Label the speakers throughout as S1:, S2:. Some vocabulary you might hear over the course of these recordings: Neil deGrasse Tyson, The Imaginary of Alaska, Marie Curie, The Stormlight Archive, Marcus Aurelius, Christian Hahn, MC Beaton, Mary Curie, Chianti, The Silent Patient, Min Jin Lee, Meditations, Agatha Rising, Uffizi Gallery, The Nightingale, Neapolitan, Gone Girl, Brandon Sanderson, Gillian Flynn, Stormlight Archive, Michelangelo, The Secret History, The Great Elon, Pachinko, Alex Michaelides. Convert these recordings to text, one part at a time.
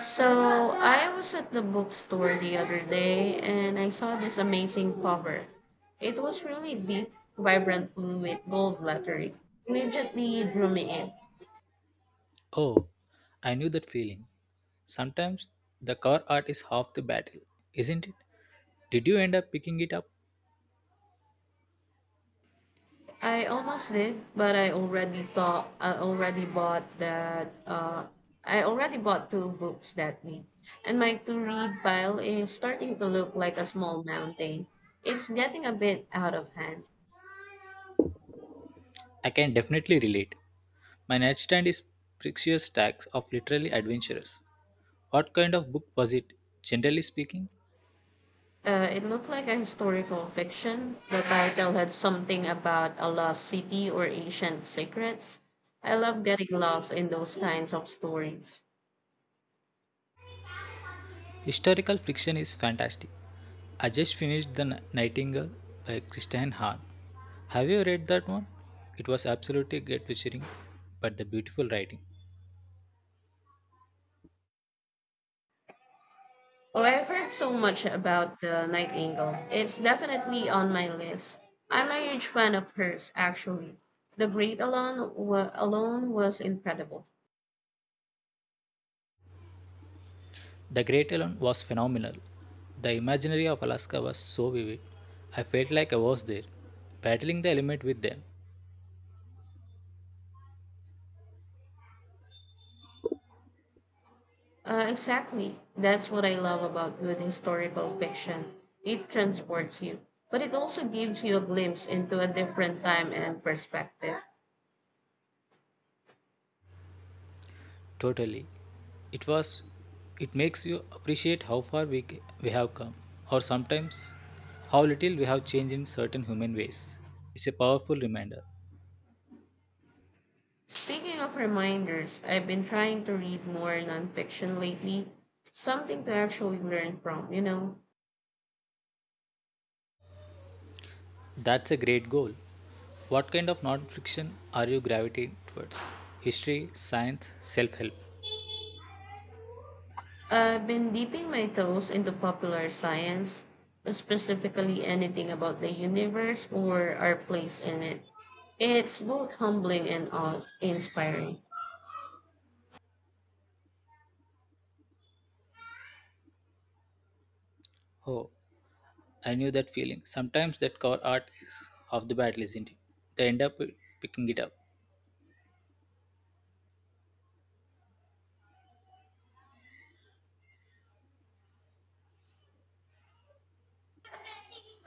S1: So I was at the bookstore the other day and I saw this amazing cover. It was really deep, vibrant blue with gold lettering. Immediately drew me in.
S2: Oh, I knew that feeling. Sometimes the car art is half the battle, isn't it? Did you end up picking it up?
S1: I almost did, but I already bought that I already bought two books that week. And my to read pile is starting to look like a small mountain. It's getting a bit out of hand.
S2: I can definitely relate. My nightstand is precious stacks of literally adventurous. What kind of book was it? Generally speaking,
S1: It looked like a historical fiction. The title had something about a lost city or ancient secrets. I love getting lost in those kinds of stories.
S2: historical fiction is fantastic. I just finished Nightingale by Christian Hahn. Have you read that one? It was absolutely gut-wrenching, but the beautiful writing.
S1: Oh, I've heard so much about the Nightingale. It's definitely on my list. I'm a huge fan of hers, actually. The Great Alone, Alone was incredible.
S2: The Great Elon was phenomenal. The imaginary of Alaska was so vivid. I felt like I was there, battling the element with them.
S1: Exactly. That's what I love about good historical fiction. It transports you, but it also gives you a glimpse into a different time and perspective.
S2: Totally. It was it makes you appreciate how far we have come or sometimes how little we have changed in certain human ways. It's a powerful reminder.
S1: Speaking of reminders, I've been trying to read more nonfiction lately, something to actually learn from, you know.
S2: That's a great goal. What kind of non-fiction are you gravitating towards? History, science, self-help.
S1: I've been dipping my toes into popular science, specifically anything about the universe or our place in it. It's both humbling and awe inspiring.
S2: Oh, I knew that feeling. Sometimes that cover art is half the battle, isn't it? They end up picking it up.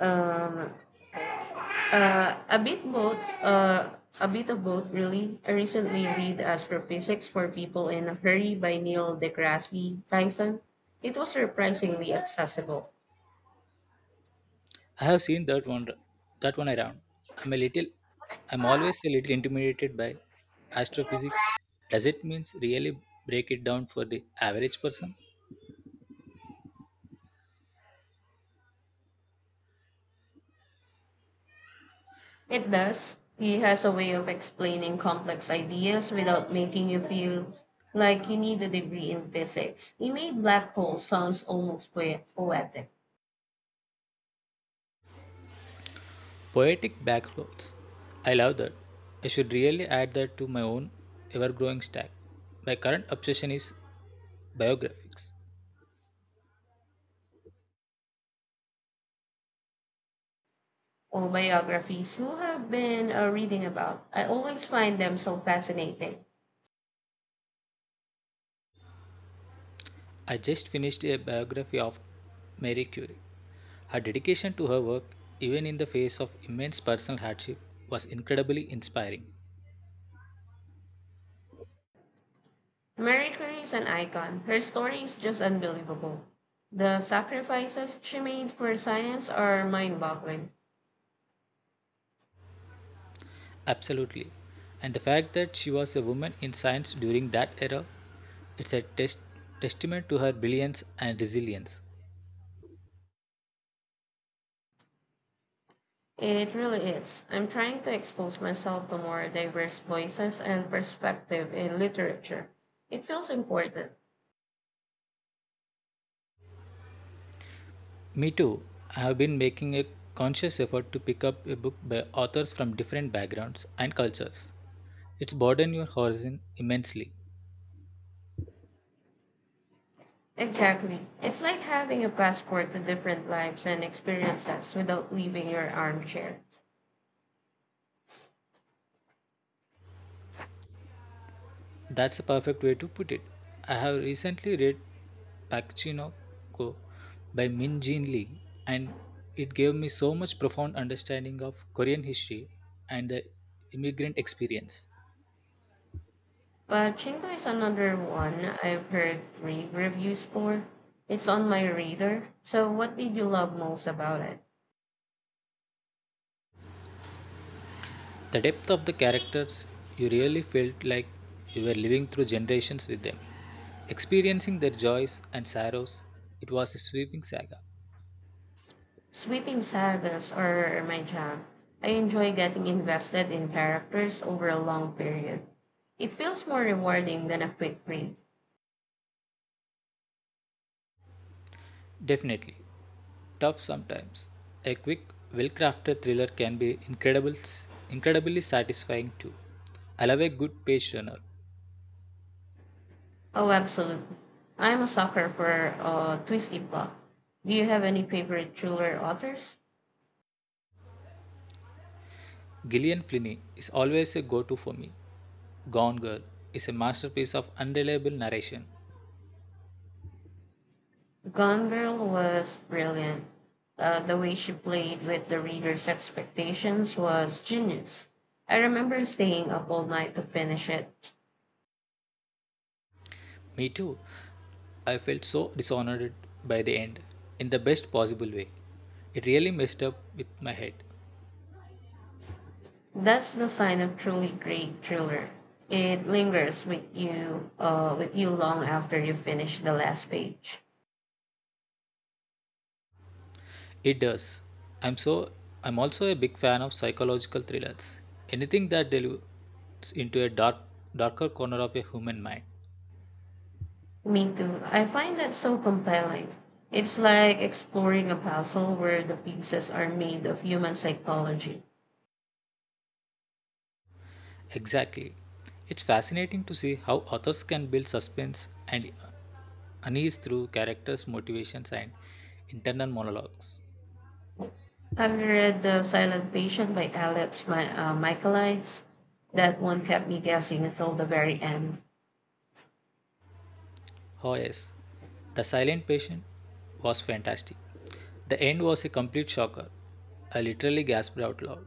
S1: Um, Uh, a bit both. Uh, a bit of both, really. I recently read Astrophysics for People in a Hurry by Neil deGrasse Tyson. It was surprisingly accessible.
S2: I have seen that one around. I'm a little I'm always a little intimidated by astrophysics. Does it means really break it down for the average person?
S1: It does. He has a way of explaining complex ideas without making you feel like you need a degree in physics. He made black holes sounds almost poetic.
S2: Poetic backgrounds. I love that. I should really add that to my own ever growing stack. My current obsession is biographies.
S1: Or biographies who have been reading about. I always find them so fascinating.
S2: I just finished a biography of Marie Curie. Her dedication to her work, even in the face of immense personal hardship, was incredibly inspiring.
S1: Mary Curie is an icon. Her story is just unbelievable. The sacrifices she made for science are mind boggling.
S2: Absolutely. And the fact that she was a woman in science during that era, it's a test- testament to her brilliance and resilience.
S1: It really is. I'm trying to expose myself to more diverse voices and perspective in literature. It feels important.
S2: Me too. I have been making a conscious effort to pick up a book by authors from different backgrounds and cultures. It's broadened your horizon immensely.
S1: Exactly. It's like having a passport to different lives and experiences without leaving your armchair.
S2: That's a perfect way to put it. I have recently read Pachinko by Min Jin Lee, and it gave me so much profound understanding of Korean history and the immigrant experience.
S1: But Chingo is another one I've heard great reviews for. It's on my radar. So, what did you love most about it?
S2: The depth of the characters, you really felt like you were living through generations with them, experiencing their joys and sorrows. It was a sweeping saga.
S1: Sweeping sagas are my jam. I enjoy getting invested in characters over a long period. It feels more rewarding than a quick read.
S2: Definitely. Tough sometimes. A quick, well crafted thriller can be incredibly satisfying too. I love a good page turner.
S1: Oh, absolutely. I'm a sucker for a twisty plot. Do you have any favorite thriller authors?
S2: Gillian Flynn is always a go to for me. Gone Girl is a masterpiece of unreliable narration.
S1: Gone Girl was brilliant. The way she played with the reader's expectations was genius. I remember staying up all night to finish it.
S2: Me too, I felt so dishonored by the end, in the best possible way. It really messed up with my head.
S1: That's the sign of truly great thriller. It lingers with you long after you finish the last page.
S2: It does. I'm I'm also a big fan of psychological thrillers. Anything that delves into a darker corner of a human mind.
S1: Me too. I find that so compelling. It's like exploring a puzzle where the pieces are made of human psychology.
S2: Exactly. It's fascinating to see how authors can build suspense and unease through characters' motivations and internal monologues.
S1: Have you read The Silent Patient by Alex Michaelides? That one kept me guessing until the very end.
S2: Oh yes. The Silent Patient was fantastic. The end was a complete shocker. I literally gasped out loud.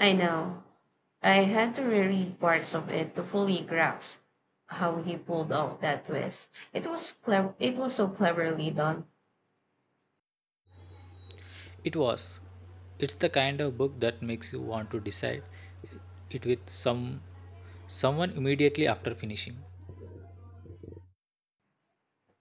S1: I know. I had to reread parts of it to fully grasp how he pulled off that twist. It was so cleverly done.
S2: It was. It's the kind of book that makes you want to decide it with someone immediately after finishing.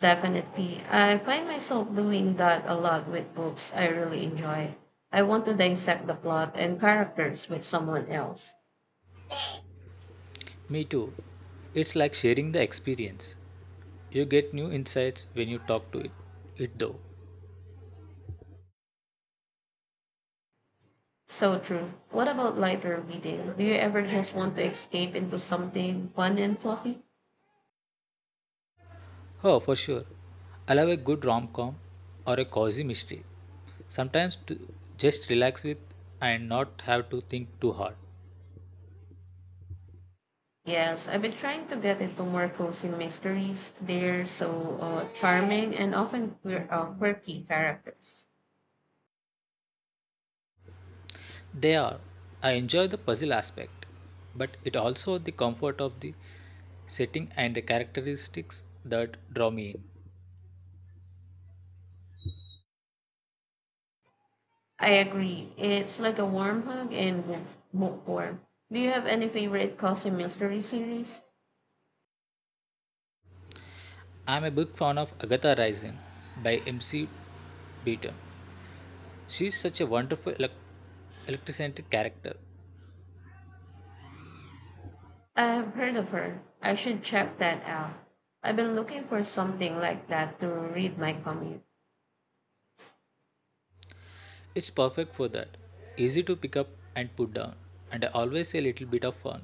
S1: Definitely, I find myself doing that a lot with books I really enjoy. I want to dissect the plot and characters with someone else.
S2: Me too. It's like sharing the experience. You get new insights when you talk to it. It though.
S1: So true. What about lighter reading? Do you ever just want to escape into something fun and fluffy?
S2: Oh, for sure. I love a good rom-com or a cozy mystery. Sometimes to just relax with and not have to think too hard.
S1: Yes, I've been trying to get into more cozy mysteries. They're so charming and often quirky characters.
S2: They are. I enjoy the puzzle aspect, but it also the comfort of the setting and the characteristics that draw me in.
S1: I agree. It's like a warm hug in book form. Do you have any favorite cozy mystery series?
S2: I'm a big fan of Agatha Rising by MC Beaton. She's such a wonderful electricentric character.
S1: I've heard of her. I should check that out. I've been looking for something like that to read my commute.
S2: It's perfect for that. Easy to pick up and put down, and always a little bit of fun.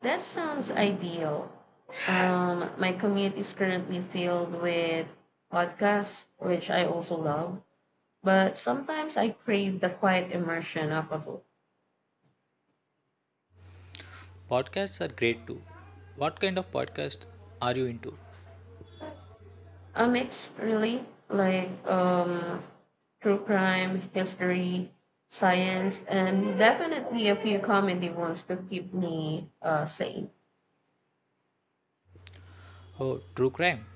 S1: That sounds ideal. My commute is currently filled with podcasts, which I also love, but sometimes I crave the quiet immersion of a book.
S2: Podcasts are great too. What kind of podcast are you into?
S1: A mix, really, like true crime, history, science, and definitely a few comedy ones to keep me sane.
S2: Oh, true crime.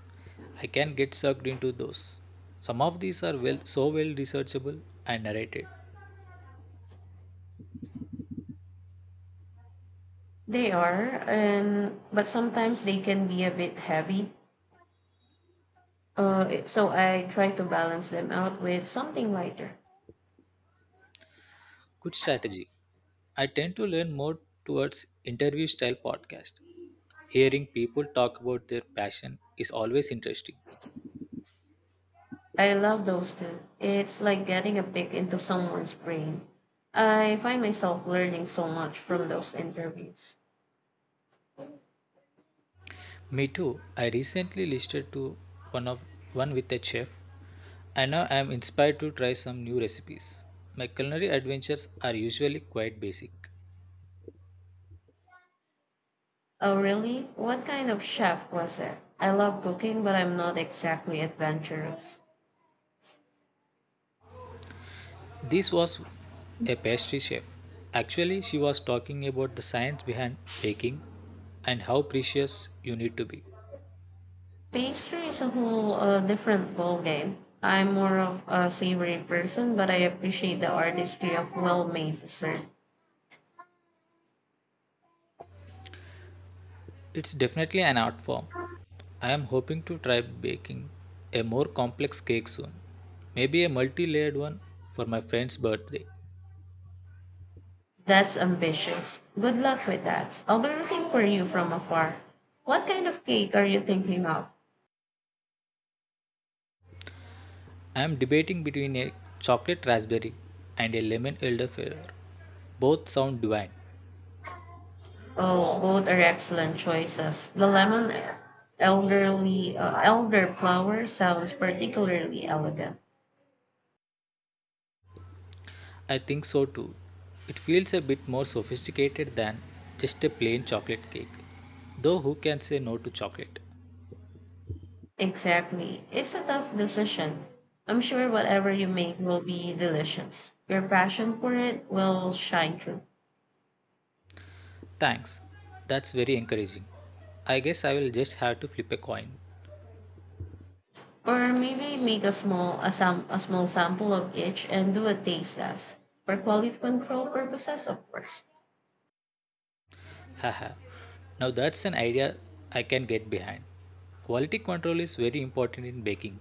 S2: I can get sucked into those. Some of these are so well researchable and narrated.
S1: They are, and but sometimes they can be a bit heavy. So I try to balance them out with something lighter.
S2: Good strategy. I tend to learn more towards interview style podcast. Hearing people talk about their passion is always interesting.
S1: I love those too. It's like getting a peek into someone's brain. I find myself learning so much from those interviews.
S2: Me too. I recently listened to one of one with a chef and now I am inspired to try some new recipes. My culinary adventures are usually quite basic.
S1: Oh, really? What kind of chef was it? I love cooking, but I'm not exactly adventurous.
S2: This was a pastry chef. Actually, she was talking about the science behind baking and how precious you need to be.
S1: Pastry is a whole different ballgame. I'm more of a savory person, but I appreciate the artistry of well made dessert.
S2: It's definitely an art form. I am hoping to try baking a more complex cake soon. Maybe a multi layered one for my friend's birthday.
S1: That's ambitious. Good luck with that. I'll be rooting for you from afar. What kind of cake are you thinking of?
S2: I am debating between a chocolate raspberry and a lemon elderflower. Both sound divine.
S1: Oh, both are excellent choices. The lemon elderly elderflower sounds particularly elegant.
S2: I think so too. It feels a bit more sophisticated than just a plain chocolate cake. Though, who can say no to chocolate?
S1: Exactly. It's a tough decision. I'm sure whatever you make will be delicious. Your passion for it will shine through.
S2: Thanks. That's very encouraging. I guess I will just have to flip a coin.
S1: Or maybe make a small sample of each and do a taste test for quality control purposes, of course.
S2: Haha. Now, that's an idea I can get behind. Quality control is very important in baking.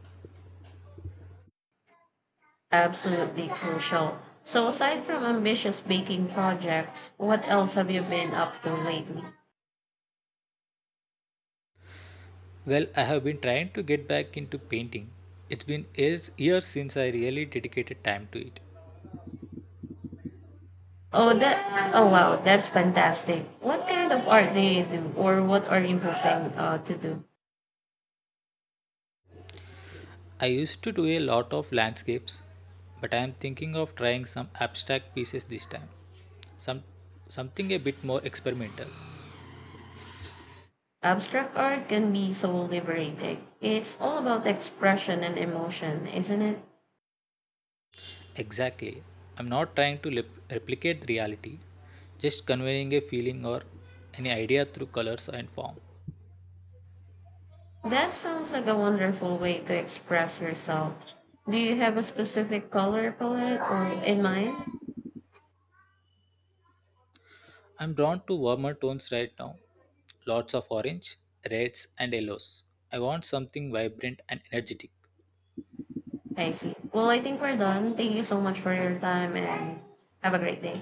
S1: Absolutely crucial. So, aside from ambitious baking projects, what else have you been up to lately?
S2: Well, I have been trying to get back into painting. It's been years since I really dedicated time to it.
S1: Oh, that! Oh, wow, that's fantastic. What kind of art do you do, or what are you hoping to do?
S2: I used to do a lot of landscapes, but I am thinking of trying some abstract pieces this time. Some Something a bit more experimental.
S1: Abstract art can be so liberating. It's all about expression and emotion, isn't it?
S2: Exactly. I'm not trying to replicate reality, just conveying a feeling or any idea through colors and form.
S1: That sounds like a wonderful way to express yourself. Do you have a specific color palette or in mind?
S2: I'm drawn to warmer tones right now. Lots of orange, reds and yellows. I want something vibrant and energetic.
S1: I see. Well, I think we're done. Thank you so much for your time and have a great day.